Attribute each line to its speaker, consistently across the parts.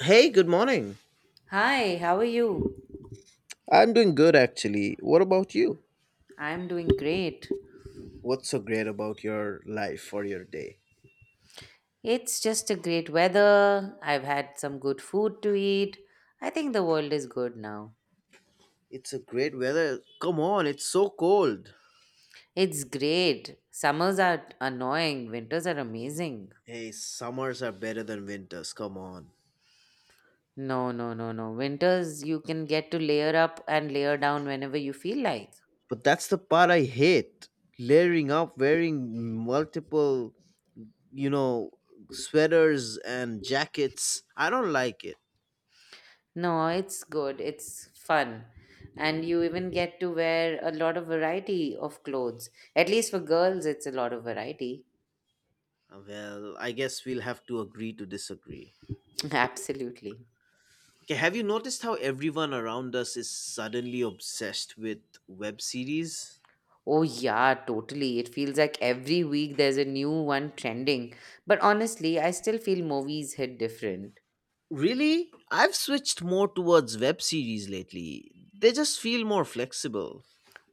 Speaker 1: Hey, good morning.
Speaker 2: Hi, how are you?
Speaker 1: I'm doing good actually. What about you?
Speaker 2: I'm doing great.
Speaker 1: What's so great about your life or your day?
Speaker 2: It's just a great weather. I've had some good food to eat. I think the world is good now.
Speaker 1: It's a great weather. Come on, it's so cold.
Speaker 2: It's great. Summers are annoying, winters are amazing.
Speaker 1: Hey, summers are better than winters. Come on.
Speaker 2: No, no, no, no. Winters you can get to layer up and layer down whenever you feel like.
Speaker 1: But that's the part I hate. Layering up, wearing multiple, you know, sweaters and jackets. I don't like it.
Speaker 2: No, it's good. It's fun. And you even get to wear a lot of variety of clothes. At least for girls, it's a lot of variety.
Speaker 1: Well, I guess we'll have to agree to disagree.
Speaker 2: Absolutely.
Speaker 1: Okay, have you noticed how everyone around us is suddenly obsessed with web series?
Speaker 2: Oh, yeah, totally. It feels like every week there's a new one trending. But honestly, I still feel movies hit different.
Speaker 1: Really? I've switched more towards web series lately. They just feel more flexible.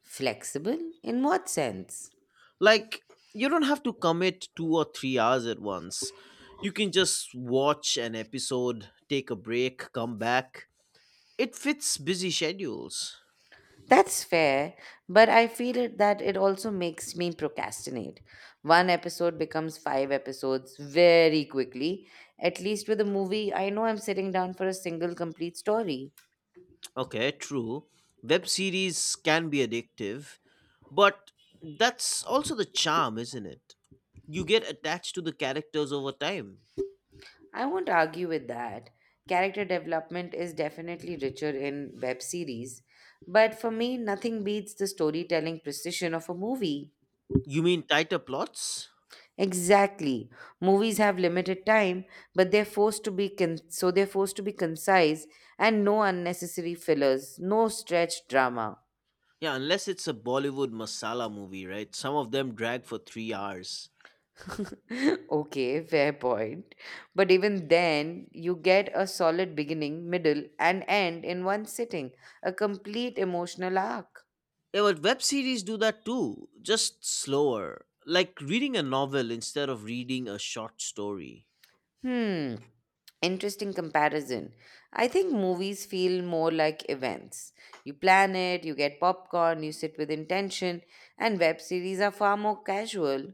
Speaker 2: Flexible? In what sense?
Speaker 1: Like, you don't have to commit 2 or 3 hours at once. You can just watch an episode, take a break, come back. It fits busy schedules.
Speaker 2: That's fair, but I feel it, that it also makes me procrastinate. One episode becomes five episodes very quickly. At least with a movie, I know I'm sitting down for a single complete story.
Speaker 1: Okay, true. Web series can be addictive, but that's also the charm, isn't it? You get attached to the characters over time.
Speaker 2: I won't argue with that. Character development is definitely richer in web series, but for me, nothing beats the storytelling precision of a movie.
Speaker 1: You mean tighter plots?
Speaker 2: Exactly. Movies have limited time, but they're forced to be con- so they're forced to be concise and no unnecessary fillers, no stretched drama.
Speaker 1: Yeah, unless it's a Bollywood masala movie, right? Some of them drag for 3 hours.
Speaker 2: Okay, fair point. But even then, you get a solid beginning, middle, and end in one sitting, a complete emotional arc.
Speaker 1: Yeah, but web series do that too, just slower. Like reading a novel instead of reading a short story.
Speaker 2: Hmm. Interesting comparison. I think movies feel more like events. You plan it, you get popcorn, you sit with intention, and web series are far more casual.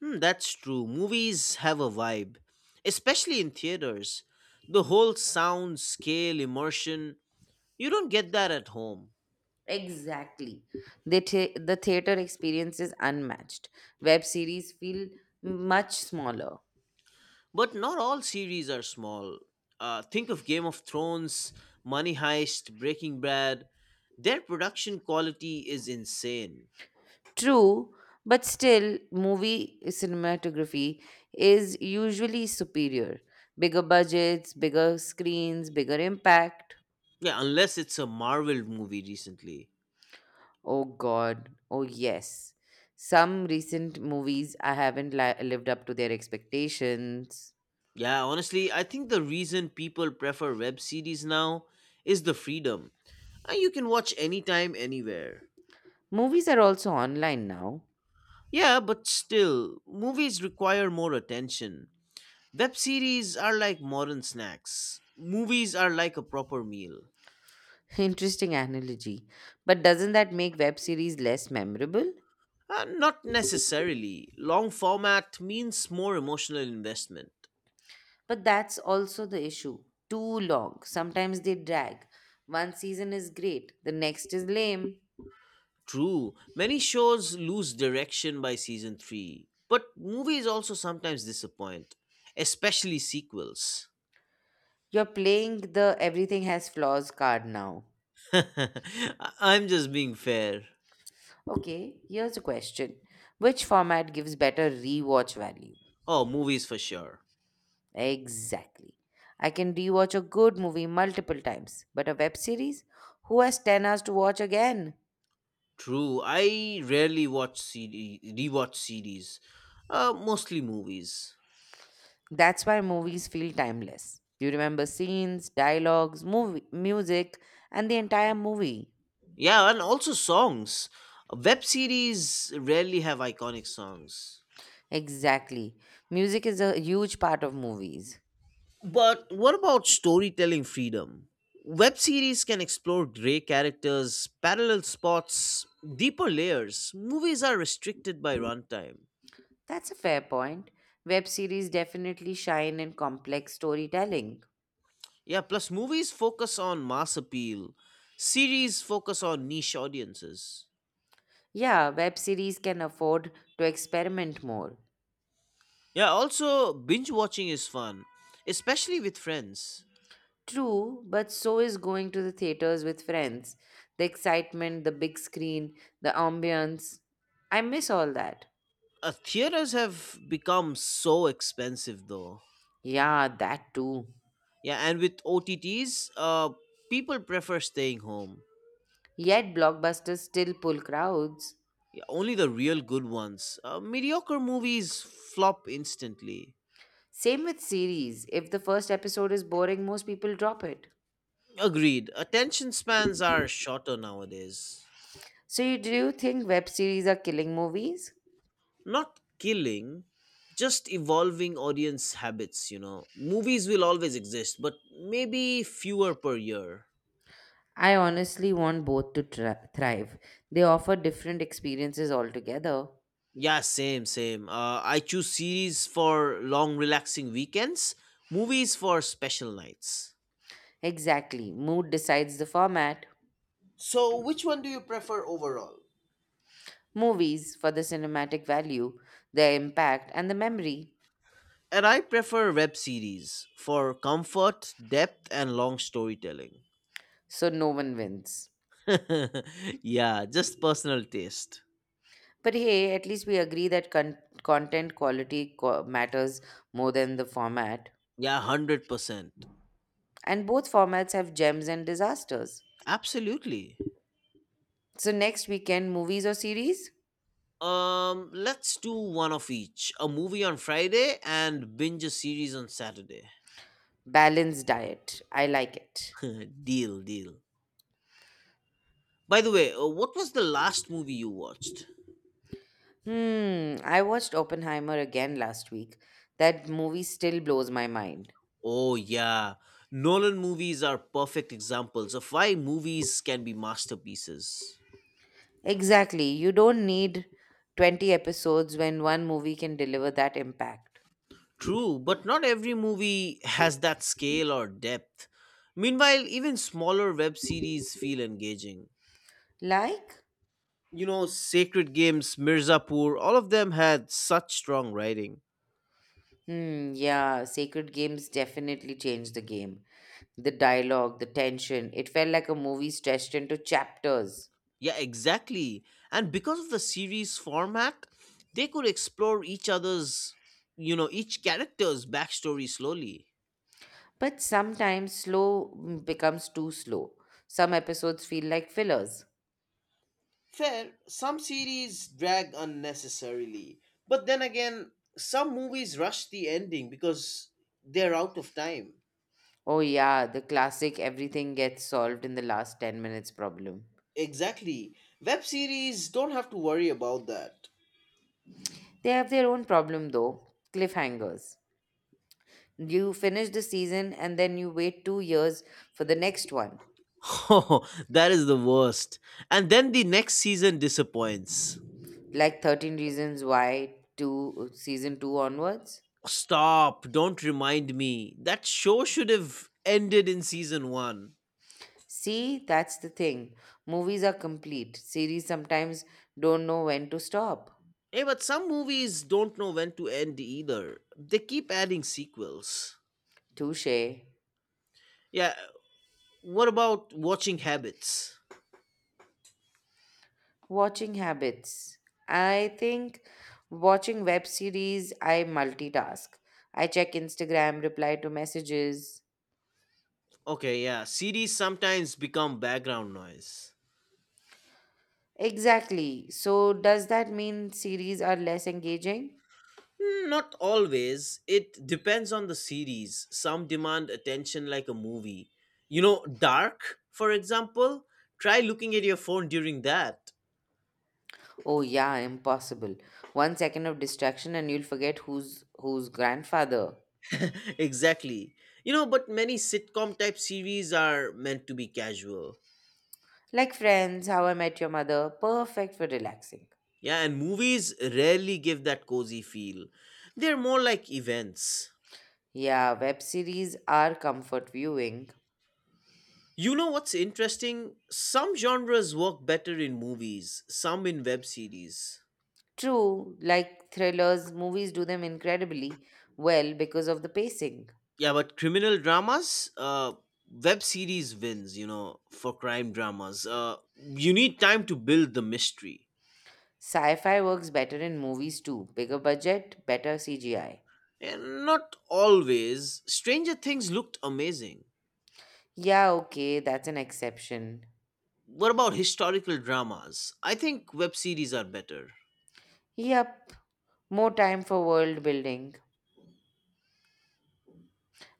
Speaker 1: Hmm, that's true. Movies have a vibe, especially in theaters. The whole sound, scale, immersion, you don't get that at home.
Speaker 2: Exactly. The theater experience is unmatched. Web series feel much smaller.
Speaker 1: But not all series are small. Think of Game of Thrones, Money Heist, Breaking Bad. Their production quality is insane.
Speaker 2: True, but still, movie cinematography is usually superior. Bigger budgets, bigger screens, bigger impact.
Speaker 1: Yeah, unless it's a Marvel movie recently.
Speaker 2: Oh God. Oh yes. Some recent movies I haven't lived up to their expectations.
Speaker 1: Yeah, honestly, I think the reason people prefer web series now is the freedom. You can watch anytime, anywhere.
Speaker 2: Movies are also online now.
Speaker 1: Yeah, but still, movies require more attention. Web series are like modern snacks, movies are like a proper meal.
Speaker 2: Interesting analogy. But doesn't that make web series less memorable?
Speaker 1: Not necessarily. Long format means more emotional investment.
Speaker 2: But that's also the issue. Too long. Sometimes they drag. One season is great, the next is lame.
Speaker 1: True, many shows lose direction by season 3, but movies also sometimes disappoint, especially sequels.
Speaker 2: You're playing the everything has flaws card now.
Speaker 1: I- I'm just being fair.
Speaker 2: Okay, here's a question. Which format gives better rewatch value?
Speaker 1: Oh, movies for sure.
Speaker 2: Exactly. I can rewatch a good movie multiple times, but a web series? Who has 10 hours to watch again?
Speaker 1: True, I rarely watch CD, rewatch CDs, mostly movies.
Speaker 2: That's why movies feel timeless. You remember scenes, dialogues, movie, music, and the entire movie.
Speaker 1: Yeah, and also songs. Web series rarely have iconic songs.
Speaker 2: Exactly. Music is a huge part of movies.
Speaker 1: But what about storytelling freedom? Web series can explore gray characters, parallel spots, deeper layers. Movies are restricted by runtime.
Speaker 2: That's a fair point. Web series definitely shine in complex storytelling.
Speaker 1: Yeah, plus movies focus on mass appeal, series focus on niche audiences.
Speaker 2: Yeah, web series can afford to experiment more.
Speaker 1: Yeah, also binge watching is fun, especially with friends.
Speaker 2: True, but so is going to the theaters with friends. The excitement, the big screen, the ambience. I miss all that.
Speaker 1: Theaters have become so expensive though.
Speaker 2: Yeah, that too.
Speaker 1: Yeah, and with OTTs, people prefer staying home.
Speaker 2: Yet blockbusters still pull crowds.
Speaker 1: Yeah, only the real good ones. Mediocre movies flop instantly.
Speaker 2: Same with series. If the first episode is boring, most people drop it.
Speaker 1: Agreed. Attention spans are shorter nowadays.
Speaker 2: So, do you think web series are killing movies?
Speaker 1: Not killing, just evolving audience habits, you know. Movies will always exist, but maybe fewer per year.
Speaker 2: I honestly want both to thrive. They offer different experiences altogether.
Speaker 1: Yeah, same, same. I choose series for long, relaxing weekends, movies for special nights.
Speaker 2: Exactly. Mood decides the format.
Speaker 1: So, which one do you prefer overall?
Speaker 2: Movies for the cinematic value, their impact, and the memory.
Speaker 1: And I prefer web series for comfort, depth, and long storytelling.
Speaker 2: So no one wins.
Speaker 1: Yeah, just personal taste.
Speaker 2: But hey, at least we agree that content quality matters more than the format.
Speaker 1: Yeah, 100%.
Speaker 2: And both formats have gems and disasters.
Speaker 1: Absolutely.
Speaker 2: So next weekend, movies or series?
Speaker 1: Let's do one of each, a movie on Friday and binge a series on Saturday.
Speaker 2: Balanced diet. I like it.
Speaker 1: Deal, deal. By the way, what was the last movie you watched?
Speaker 2: Hmm, I watched Oppenheimer again last week. That movie still blows my mind.
Speaker 1: Oh, yeah. Nolan movies are perfect examples of why movies can be masterpieces.
Speaker 2: Exactly. You don't need 20 episodes when one movie can deliver that impact.
Speaker 1: True, but not every movie has that scale or depth. Meanwhile, even smaller web series feel engaging.
Speaker 2: Like?
Speaker 1: You know, Sacred Games, Mirzapur, all of them had such strong writing.
Speaker 2: Hmm, yeah, Sacred Games definitely changed the game. The dialogue, the tension, it felt like a movie stretched into chapters.
Speaker 1: Yeah, exactly. And because of the series format, they could explore each other's, each character's backstory slowly.
Speaker 2: But sometimes slow becomes too slow. Some episodes feel like fillers.
Speaker 1: Fair, some series drag unnecessarily. But then again, some movies rush the ending because they're out of time.
Speaker 2: Oh, yeah, the classic everything gets solved in the last 10 minutes problem.
Speaker 1: Exactly. Web series don't have to worry about that.
Speaker 2: They have their own problem though, cliffhangers. You finish the season and then you wait 2 years for the next one.
Speaker 1: Oh, that is the worst. And then the next season disappoints.
Speaker 2: Like 13 Reasons Why two, season 2 onwards.
Speaker 1: Stop, don't remind me. That show should have ended in season one.
Speaker 2: See, that's the thing. Movies are complete. Series sometimes don't know when to stop.
Speaker 1: Hey, but some movies don't know when to end either. They keep adding sequels.
Speaker 2: Touche.
Speaker 1: Yeah, what about watching habits?
Speaker 2: Watching habits, I think. Watching web series, I multitask. I check Instagram, reply to messages.
Speaker 1: Okay, yeah, series sometimes become background noise.
Speaker 2: Exactly, so does that mean series are less engaging?
Speaker 1: Hmm, not always. It depends on the series. Some demand attention like a movie. You know, Dark, for example, try looking at your phone during that.
Speaker 2: Oh yeah, impossible. 1 second of distraction and you'll forget who's grandfather.
Speaker 1: Exactly. You know, but many sitcom type series are meant to be casual.
Speaker 2: Like Friends, How I Met Your Mother, perfect for relaxing.
Speaker 1: Yeah, and movies rarely give that cozy feel. They're more like events.
Speaker 2: Yeah, web series are comfort viewing.
Speaker 1: You know what's interesting? Some genres work better in movies, some in web series.
Speaker 2: True, like thrillers, movies do them incredibly well because of the pacing.
Speaker 1: Yeah, but criminal dramas, web series wins, you know, for crime dramas. You need time to build the mystery.
Speaker 2: Sci fi works better in movies too. Bigger budget, better CGI.
Speaker 1: And not always. Stranger Things looked amazing.
Speaker 2: Yeah, okay, that's an exception.
Speaker 1: What about historical dramas? I think web series are better.
Speaker 2: Yep, more time for world building.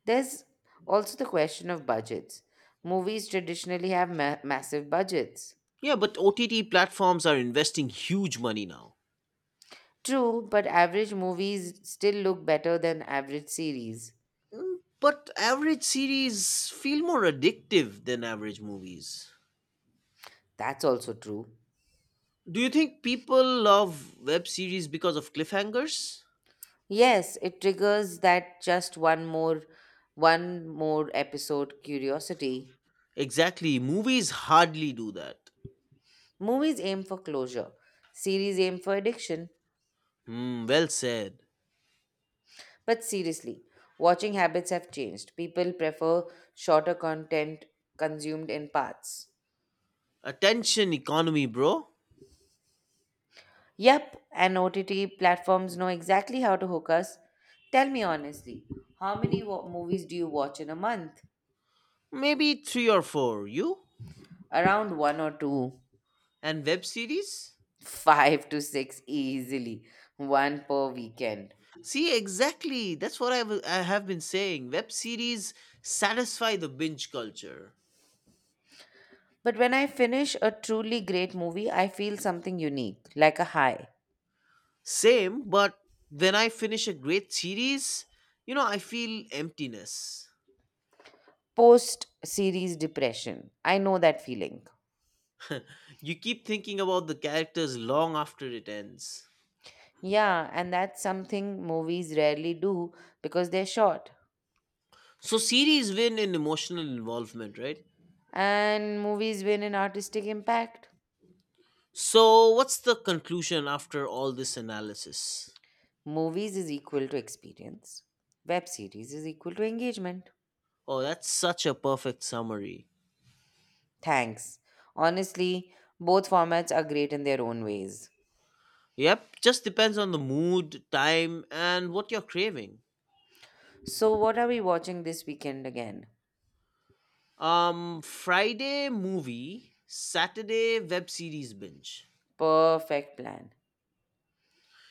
Speaker 2: There's also the question of budgets. Movies traditionally have massive budgets.
Speaker 1: Yeah, but OTT platforms are investing huge money now.
Speaker 2: True, but average movies still look better than average series.
Speaker 1: But average series feel more addictive than average movies.
Speaker 2: That's also true.
Speaker 1: Do you think people love web series because of cliffhangers?
Speaker 2: Yes, it triggers that just one more, one more episode curiosity.
Speaker 1: Exactly. Movies hardly do that.
Speaker 2: Movies aim for closure. Series aim for addiction.
Speaker 1: Hmm, well said.
Speaker 2: But seriously, watching habits have changed. People prefer shorter content consumed in parts.
Speaker 1: Attention economy, bro.
Speaker 2: Yep, and OTT platforms know exactly how to hook us. Tell me honestly, how many movies do you watch in a month?
Speaker 1: Maybe three or four. You?
Speaker 2: Around one or two,
Speaker 1: And web series?
Speaker 2: five to six easily, one per weekend.
Speaker 1: See, exactly. That's what I have been saying. Web series satisfy the binge culture.
Speaker 2: But when I finish a truly great movie, I feel something unique, like a high.
Speaker 1: Same, but when I finish a great series, I feel emptiness.
Speaker 2: Post series depression. I know that feeling.
Speaker 1: You keep thinking about the characters long after it ends.
Speaker 2: Yeah, and that's something movies rarely do because they're short.
Speaker 1: So, series win in emotional involvement, right?
Speaker 2: And movies win in artistic impact.
Speaker 1: So, what's the conclusion after all this analysis?
Speaker 2: Movies is equal to experience. Web series is equal to engagement.
Speaker 1: Oh, that's such a perfect summary.
Speaker 2: Thanks. Honestly, both formats are great in their own ways.
Speaker 1: Yep, just depends on the mood, time, and what you're craving.
Speaker 2: So, what are we watching this weekend again?
Speaker 1: Friday movie, Saturday web series binge.
Speaker 2: Perfect plan.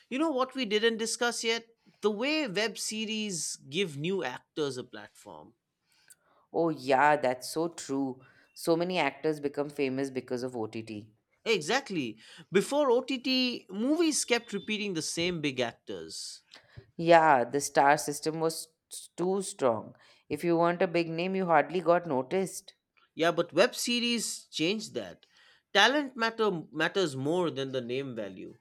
Speaker 1: You know what we didn't discuss yet? The way web series give new actors a platform.
Speaker 2: Oh, yeah, that's so true. So many actors become famous because of OTT.
Speaker 1: Exactly. Before OTT, movies kept repeating the same big actors.
Speaker 2: Yeah, the star system was too strong. If you weren't a big name, you hardly got noticed.
Speaker 1: Yeah, but web series change that. Talent matters more than the name value.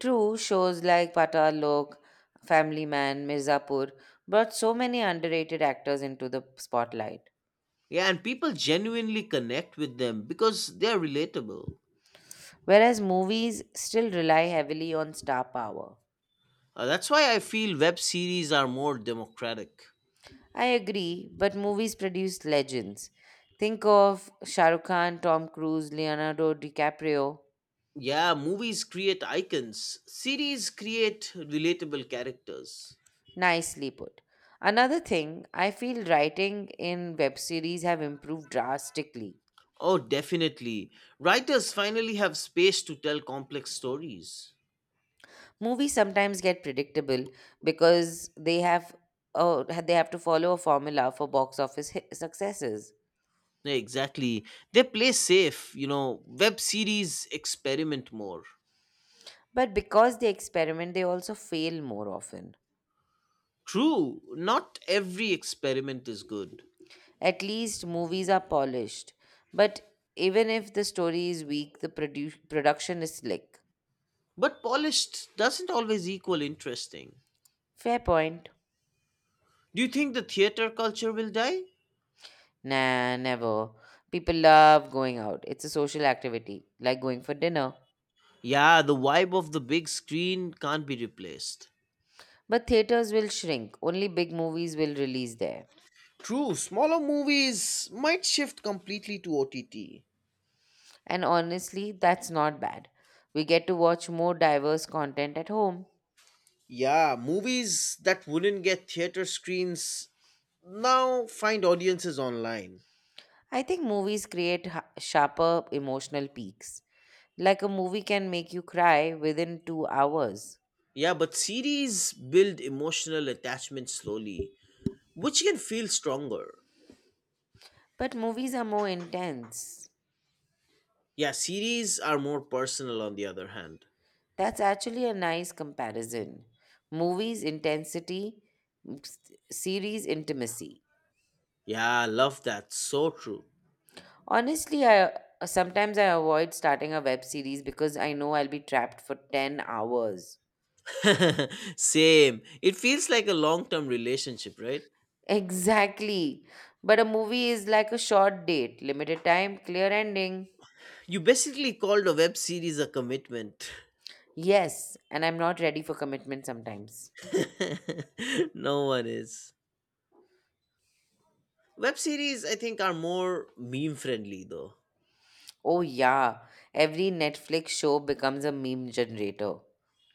Speaker 2: True, shows like Patal Lok, Family Man, Mirzapur brought so many underrated actors into the spotlight.
Speaker 1: Yeah, and people genuinely connect with them because they're relatable.
Speaker 2: Whereas movies still rely heavily on star power.
Speaker 1: That's why I feel web series are more democratic.
Speaker 2: I agree, but movies produce legends. Think of Shah Rukh Khan, Tom Cruise, Leonardo DiCaprio.
Speaker 1: Yeah, movies create icons. Series create relatable characters.
Speaker 2: Nicely put. Another thing, I feel writing in web series have improved drastically.
Speaker 1: Oh, definitely. Writers finally have space to tell complex stories.
Speaker 2: Movies sometimes get predictable because they have to follow a formula for box office hit successes.
Speaker 1: Yeah, exactly. They play safe, you know. Web series experiment more.
Speaker 2: But because they experiment, they also fail more often.
Speaker 1: True, not every experiment is good.
Speaker 2: At least movies are polished. But even if the story is weak, the production is slick.
Speaker 1: But polished doesn't always equal interesting.
Speaker 2: Fair point.
Speaker 1: Do you think the theater culture will die?
Speaker 2: Nah, never. People love going out. It's a social activity, like going for dinner.
Speaker 1: Yeah, the vibe of the big screen can't be replaced.
Speaker 2: But theaters will shrink. Only big movies will release there.
Speaker 1: True, smaller movies might shift completely to OTT.
Speaker 2: And honestly, that's not bad. We get to watch more diverse content at home.
Speaker 1: Yeah, movies that wouldn't get theater screens now find audiences online.
Speaker 2: I think movies create sharper emotional peaks. Like a movie can make you cry within 2 hours.
Speaker 1: Yeah, but series build emotional attachment slowly, which can feel stronger.
Speaker 2: But movies are more intense.
Speaker 1: Yeah, series are more personal on the other hand.
Speaker 2: That's actually a nice comparison. Movies, intensity, series, intimacy.
Speaker 1: Yeah, I love that. So true.
Speaker 2: Honestly, I sometimes I avoid starting a web series because I know I'll be trapped for 10 hours.
Speaker 1: Same. It feels like a long term relationship, right?
Speaker 2: Exactly. But a movie is like a short date, limited time, clear ending.
Speaker 1: You basically called a web series a commitment.
Speaker 2: Yes, and I'm not ready for commitment sometimes.
Speaker 1: No one is. Web series, I think, are more meme friendly though.
Speaker 2: Oh, yeah, every Netflix show becomes a meme generator.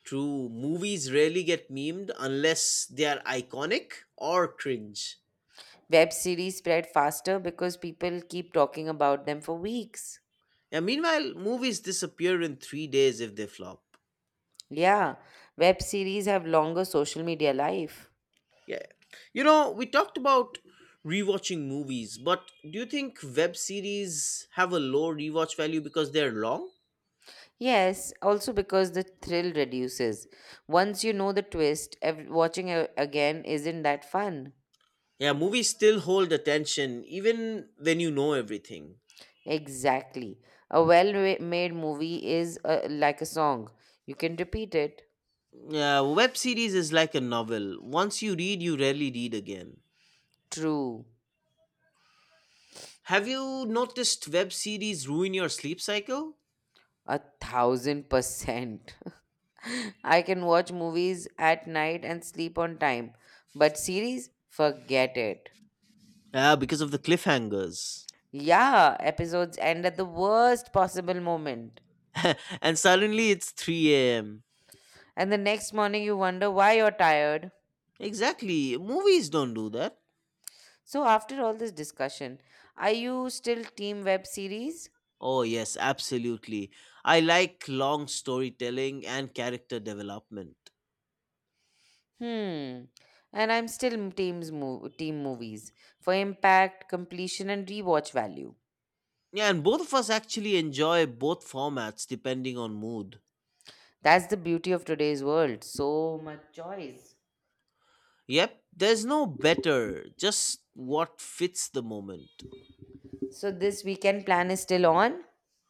Speaker 1: True, movies rarely get memed unless they are iconic or cringe.
Speaker 2: Web series spread faster because people keep talking about them for weeks.
Speaker 1: Yeah, meanwhile, movies disappear in 3 days if they flop.
Speaker 2: Yeah, web series have longer social media life.
Speaker 1: Yeah. You know, we talked about rewatching movies, but do you think web series have a low rewatch value because they're long?
Speaker 2: Yes, also because the thrill reduces. Once you know the twist, watching again isn't that fun.
Speaker 1: Yeah, movies still hold attention even when you know everything.
Speaker 2: Exactly. A well made movie is like a song. You can repeat it.
Speaker 1: Yeah, web series is like a novel. Once you read, you rarely read again.
Speaker 2: True.
Speaker 1: Have you noticed web series ruin your sleep cycle?
Speaker 2: 1000%. I can watch movies at night and sleep on time, but series, forget it.
Speaker 1: Yeah, because of the cliffhangers.
Speaker 2: Yeah, episodes end at the worst possible moment.
Speaker 1: And suddenly it's 3 a.m.
Speaker 2: And the next morning, you wonder why you're tired.
Speaker 1: Exactly. Movies don't do that.
Speaker 2: So, after all this discussion, are you still team web series?
Speaker 1: Oh, yes, absolutely. I like long storytelling and character development.
Speaker 2: Hmm. And I'm still team movies for impact, completion, and rewatch value.
Speaker 1: Yeah, and both of us actually enjoy both formats depending on mood.
Speaker 2: That's the beauty of today's world. So much choice.
Speaker 1: Yep, there's no better, just what fits the moment.
Speaker 2: So, this weekend plan is still on?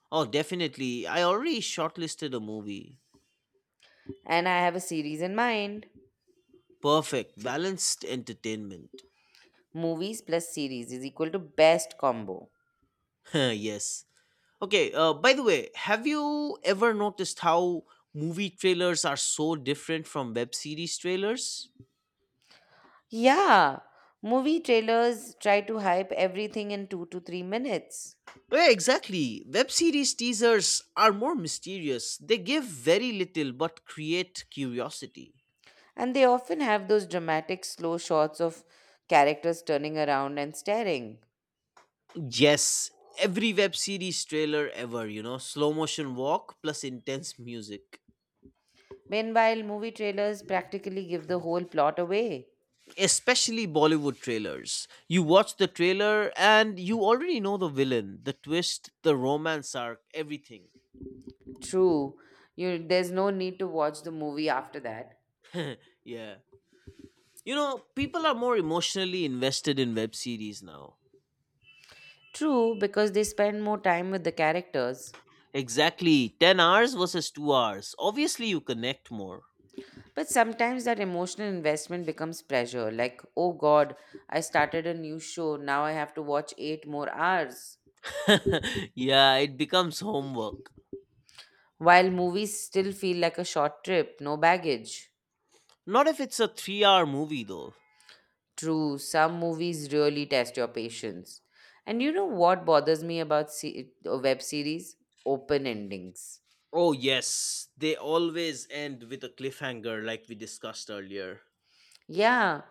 Speaker 1: Oh, definitely. I already shortlisted a movie.
Speaker 2: And I have a series in mind.
Speaker 1: Perfect, balanced entertainment.
Speaker 2: Movies plus series is equal to best combo.
Speaker 1: Yes. Okay, by the way, have you ever noticed how movie trailers are so different from web series trailers?
Speaker 2: Yeah, movie trailers try to hype everything in 2 to 3 minutes.
Speaker 1: Yeah, exactly. Web series teasers are more mysterious. They give very little but create curiosity.
Speaker 2: And they often have those dramatic slow shots of characters turning around and staring.
Speaker 1: Yes, every web series trailer ever, slow motion walk plus intense music.
Speaker 2: Meanwhile, movie trailers practically give the whole plot away.
Speaker 1: Especially Bollywood trailers. You watch the trailer and you already know the villain, the twist, the romance arc, everything.
Speaker 2: True, there's no need to watch the movie after that.
Speaker 1: Yeah. You know, people are more emotionally invested in web series now.
Speaker 2: True, because they spend more time with the characters.
Speaker 1: Exactly. 10 hours versus 2 hours. Obviously, you connect more.
Speaker 2: But sometimes that emotional investment becomes pressure, like, oh God, I started a new show, now I have to watch 8 more hours.
Speaker 1: Yeah, it becomes homework.
Speaker 2: While movies still feel like a short trip, no baggage.
Speaker 1: Not if it's a 3 hour movie, though.
Speaker 2: True, some movies really test your patience. And you know what bothers me about web series? Open endings.
Speaker 1: Oh, yes, they always end with a cliffhanger like we discussed earlier.
Speaker 2: Yeah,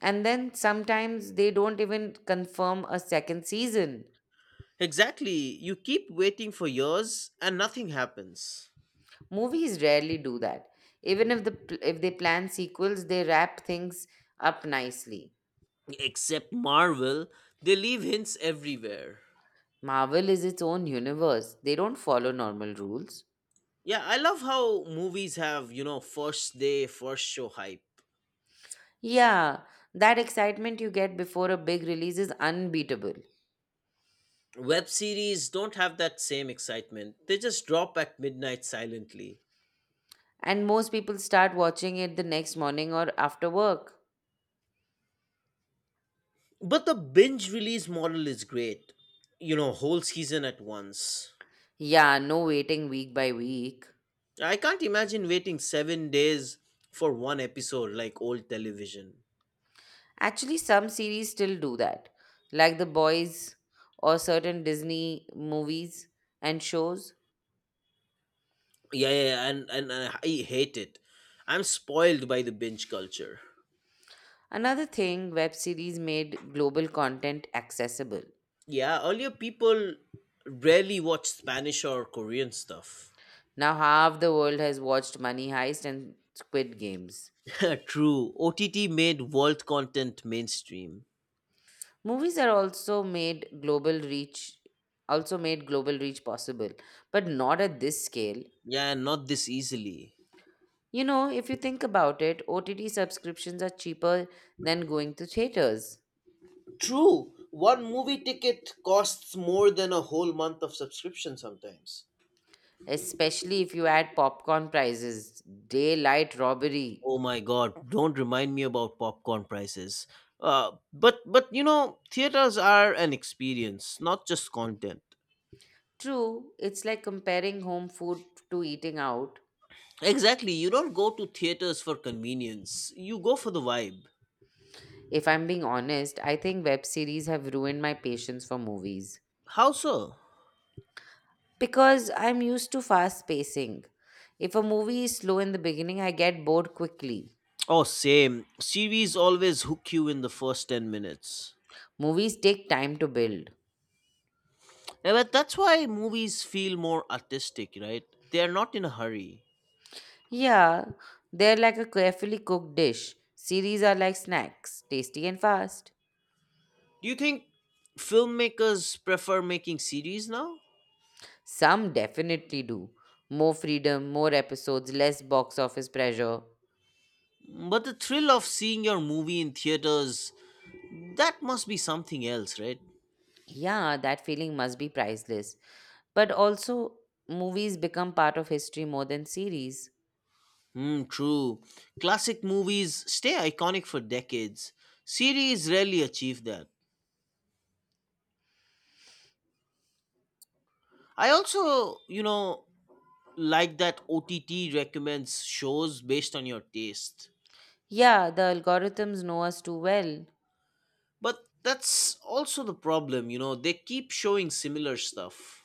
Speaker 2: and then sometimes they don't even confirm a second season.
Speaker 1: Exactly, you keep waiting for years and nothing happens.
Speaker 2: Movies rarely do that. Even if they plan sequels, they wrap things up nicely.
Speaker 1: Except Marvel, they leave hints everywhere.
Speaker 2: Marvel is its own universe. They don't follow normal rules.
Speaker 1: Yeah, I love how movies have, first day, first show hype.
Speaker 2: Yeah, that excitement you get before a big release is unbeatable.
Speaker 1: Web series don't have that same excitement, they just drop at midnight silently.
Speaker 2: And most people start watching it the next morning or after work.
Speaker 1: But the binge release model is great. You know, whole season at once.
Speaker 2: Yeah, no waiting week by week.
Speaker 1: I can't imagine waiting 7 days for one episode like old television.
Speaker 2: Actually, some series still do that, like The Boys or certain Disney movies and shows.
Speaker 1: Yeah, yeah, yeah, and I hate it. I'm spoiled by the binge culture.
Speaker 2: Another thing, web series made global content accessible.
Speaker 1: Yeah, earlier people rarely watched Spanish or Korean stuff.
Speaker 2: Now, half the world has watched Money Heist and Squid Games.
Speaker 1: True. OTT made world content mainstream.
Speaker 2: Movies are also made global reach possible, but not at this scale.
Speaker 1: Yeah, and not this easily.
Speaker 2: You know, if you think about it, OTT subscriptions are cheaper than going to theaters,
Speaker 1: True, one movie ticket costs more than a whole month of subscription sometimes.
Speaker 2: especially if you add popcorn prices, daylight robbery.
Speaker 1: Oh my god, don't remind me about popcorn prices. But you know, theaters are an experience, not just content.
Speaker 2: True, it's like comparing home food to eating out.
Speaker 1: Exactly, you don't go to theaters for convenience. You go for the vibe.
Speaker 2: If I'm being honest, I think web series have ruined my patience for movies
Speaker 1: How so?
Speaker 2: because I'm used to fast pacing. If a movie is slow in the beginning, I get bored quickly.
Speaker 1: Oh, same. Series always hook you in the first 10 minutes.
Speaker 2: Movies take time to build.
Speaker 1: Yeah, but that's why movies feel more artistic, right? They are not in a hurry.
Speaker 2: Yeah, they're like a carefully cooked dish. Series are like snacks, tasty and fast.
Speaker 1: Do you think filmmakers prefer making series now?
Speaker 2: Some definitely do. More freedom, more episodes, less box office pressure.
Speaker 1: But the thrill of seeing your movie in theaters, that must be something else, right?
Speaker 2: Yeah, that feeling must be priceless. But also, movies become part of history more than series.
Speaker 1: Hmm, true. Classic movies stay iconic for decades. Series rarely achieve that. I also, like that OTT recommends shows based on your taste.
Speaker 2: Yeah, the algorithms know us too well.
Speaker 1: But that's also the problem, they keep showing similar stuff,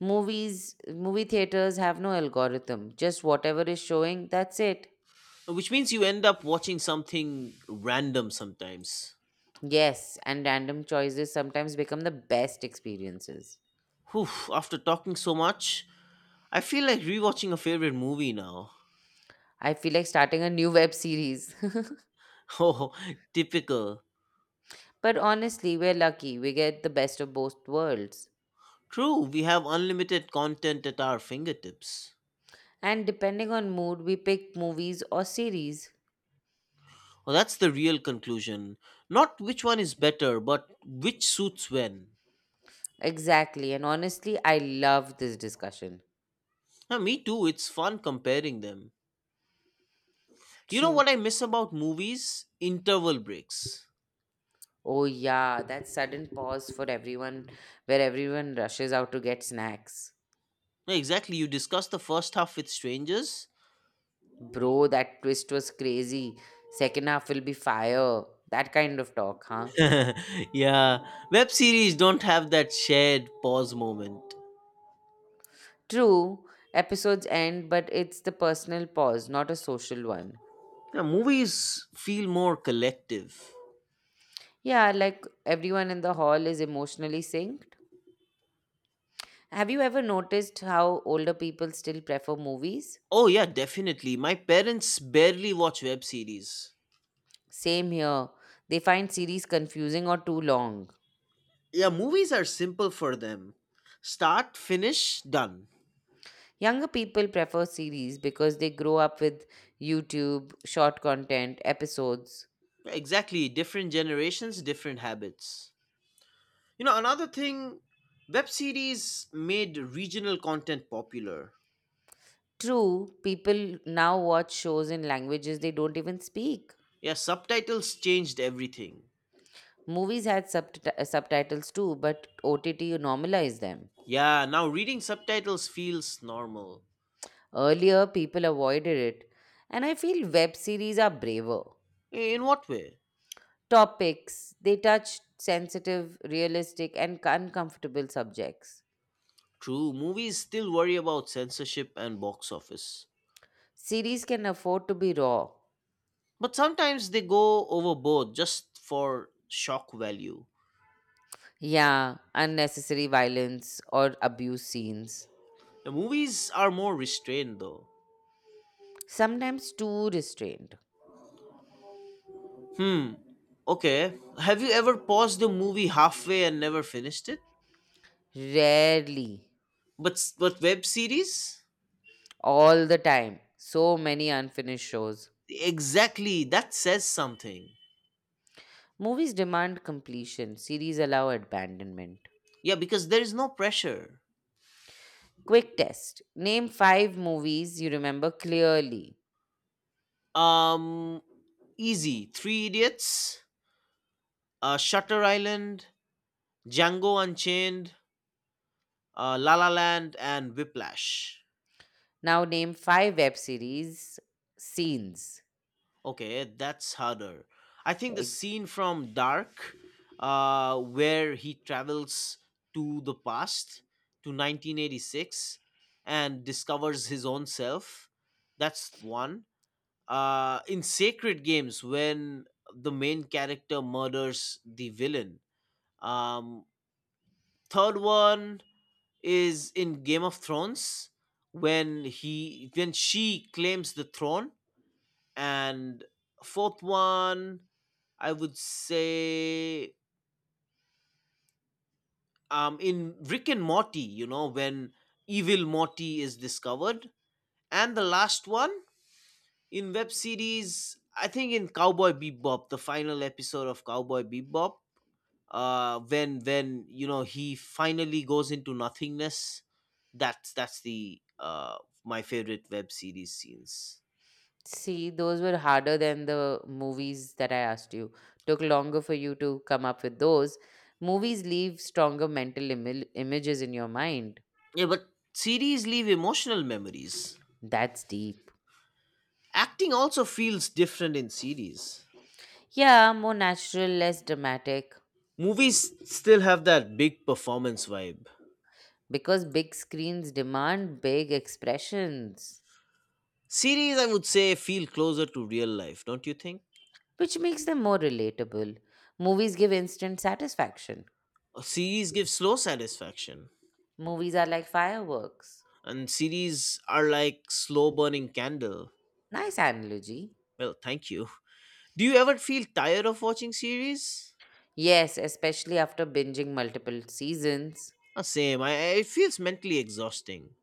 Speaker 2: Movie theaters have no algorithm, just whatever is showing, that's it.
Speaker 1: which means you end up watching something random sometimes.
Speaker 2: Yes, and random choices sometimes become the best experiences.
Speaker 1: Whew, after talking so much, I feel like rewatching a favorite movie now.
Speaker 2: I feel like starting a new web series.
Speaker 1: Oh, typical.
Speaker 2: But honestly, we're lucky. We get the best of both worlds.
Speaker 1: True, we have unlimited content at our fingertips.
Speaker 2: And depending on mood, we pick movies or series.
Speaker 1: Well, that's the real conclusion. Not which one is better, but which suits when.
Speaker 2: Exactly. And honestly, I love this discussion.
Speaker 1: Me too, it's fun comparing them. You know
Speaker 2: True.
Speaker 1: what I miss about movies? Interval breaks.
Speaker 2: Oh, yeah, that sudden pause for everyone where everyone rushes out to get snacks.
Speaker 1: Yeah, exactly, you discuss the first half with strangers.
Speaker 2: Bro, that twist was crazy. Second half will be fire. That kind of talk, huh?
Speaker 1: Yeah, web series don't have that shared pause moment.
Speaker 2: True. Episodes end, but it's the personal pause, not a social one.
Speaker 1: Yeah, movies feel more collective.
Speaker 2: Yeah, like everyone in the hall is emotionally synced. Have you ever noticed how older people still prefer movies?
Speaker 1: Oh, yeah, definitely. My parents barely watch web series.
Speaker 2: Same here. They find series confusing or too long.
Speaker 1: Yeah, movies are simple for them, start, finish, done.
Speaker 2: Younger people prefer series because they grow up with YouTube, short content, episodes.
Speaker 1: Yeah, exactly. Different generations, different habits. You know, another thing, web series made regional content popular.
Speaker 2: True, people now watch shows in languages they don't even speak.
Speaker 1: Yeah, subtitles changed everything.
Speaker 2: Movies had subtitles too, but OTT normalized them.
Speaker 1: Yeah, now reading subtitles feels normal.
Speaker 2: Earlier, people avoided it, and I feel web series are braver.
Speaker 1: In what way?
Speaker 2: Topics they touch sensitive, realistic, and uncomfortable subjects.
Speaker 1: True, movies still worry about censorship and box office.
Speaker 2: Series can afford to be raw.
Speaker 1: But sometimes they go overboard just for shock value.
Speaker 2: Yeah, unnecessary violence or abuse scenes.
Speaker 1: The movies are more restrained though.
Speaker 2: Sometimes too restrained.
Speaker 1: Hmm. Okay. Have you ever paused the movie halfway and never finished it?
Speaker 2: Rarely.
Speaker 1: But web series?
Speaker 2: All the time. So many unfinished shows.
Speaker 1: Exactly. That says something.
Speaker 2: Movies demand completion, series allow abandonment.
Speaker 1: Yeah, because there is no pressure.
Speaker 2: Quick test. Name five movies you remember clearly.
Speaker 1: Um Easy. Three Idiots, Shutter Island, Django Unchained, La La Land, and Whiplash.
Speaker 2: Now name five web series scenes.
Speaker 1: Okay, that's harder. I think the
Speaker 2: Ex-
Speaker 1: scene from Dark, where he travels to the past to 1986 and discovers his own self, that's one. In Sacred Games, when the main character murders the villain. Um, third one is in Game of Thrones when he when she claims the throne. And fourth one, I would say, in Rick and Morty, when evil Morty is discovered. And the last one in web series, I think, in Cowboy Bebop, the final episode of Cowboy Bebop, when he finally goes into nothingness. That's the my favorite web series scenes.
Speaker 2: See, those were harder than the movies that I asked you. Took longer for you to come up with those. Movies leave stronger mental imil images in your mind.
Speaker 1: Yeah, but series leave emotional memories.
Speaker 2: That's deep.
Speaker 1: Acting also feels different in series.
Speaker 2: Yeah, more natural, less dramatic.
Speaker 1: Movies still have that big performance vibe.
Speaker 2: Because big screens demand big expressions,
Speaker 1: Series, I would say, feel closer to real life, don't you think?
Speaker 2: which makes them more relatable. Movies give instant satisfaction.
Speaker 1: A series gives slow satisfaction,
Speaker 2: Movies are like fireworks.
Speaker 1: and series are like slow burning candle.
Speaker 2: Nice analogy.
Speaker 1: Well, thank you. Do you ever feel tired of watching series?
Speaker 2: Yes, especially after binging multiple seasons.
Speaker 1: Same. It feels mentally exhausting.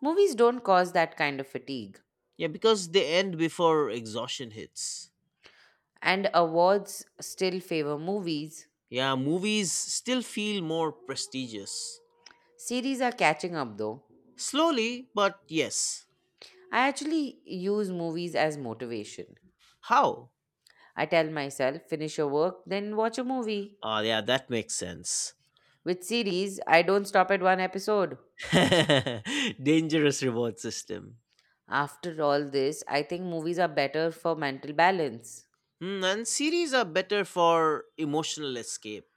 Speaker 2: Movies don't cause that kind of fatigue,
Speaker 1: Yeah, because they end before exhaustion hits.
Speaker 2: and awards still favor movies.
Speaker 1: Yeah, movies still feel more prestigious.
Speaker 2: Series are catching up though.
Speaker 1: Slowly, but yes.
Speaker 2: I actually use movies as motivation.
Speaker 1: How?
Speaker 2: I tell myself, finish your work, then watch a movie.
Speaker 1: Oh, yeah, that makes sense.
Speaker 2: With series, I don't stop at one episode.
Speaker 1: Dangerous reward system.
Speaker 2: After all this, I think movies are better for mental balance.
Speaker 1: Hmm, and series are better for emotional escape.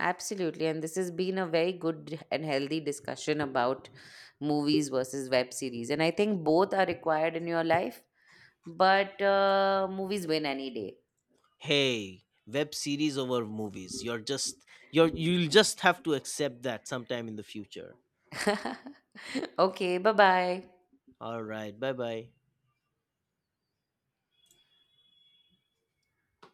Speaker 2: Absolutely, and this has been a very good and healthy discussion about movies versus web series, and I think both are required in your life. But movies win any day.
Speaker 1: Hey, web series over movies. You're just you'll just have to accept that sometime in the future.
Speaker 2: Okay, bye bye.
Speaker 1: All right, bye bye.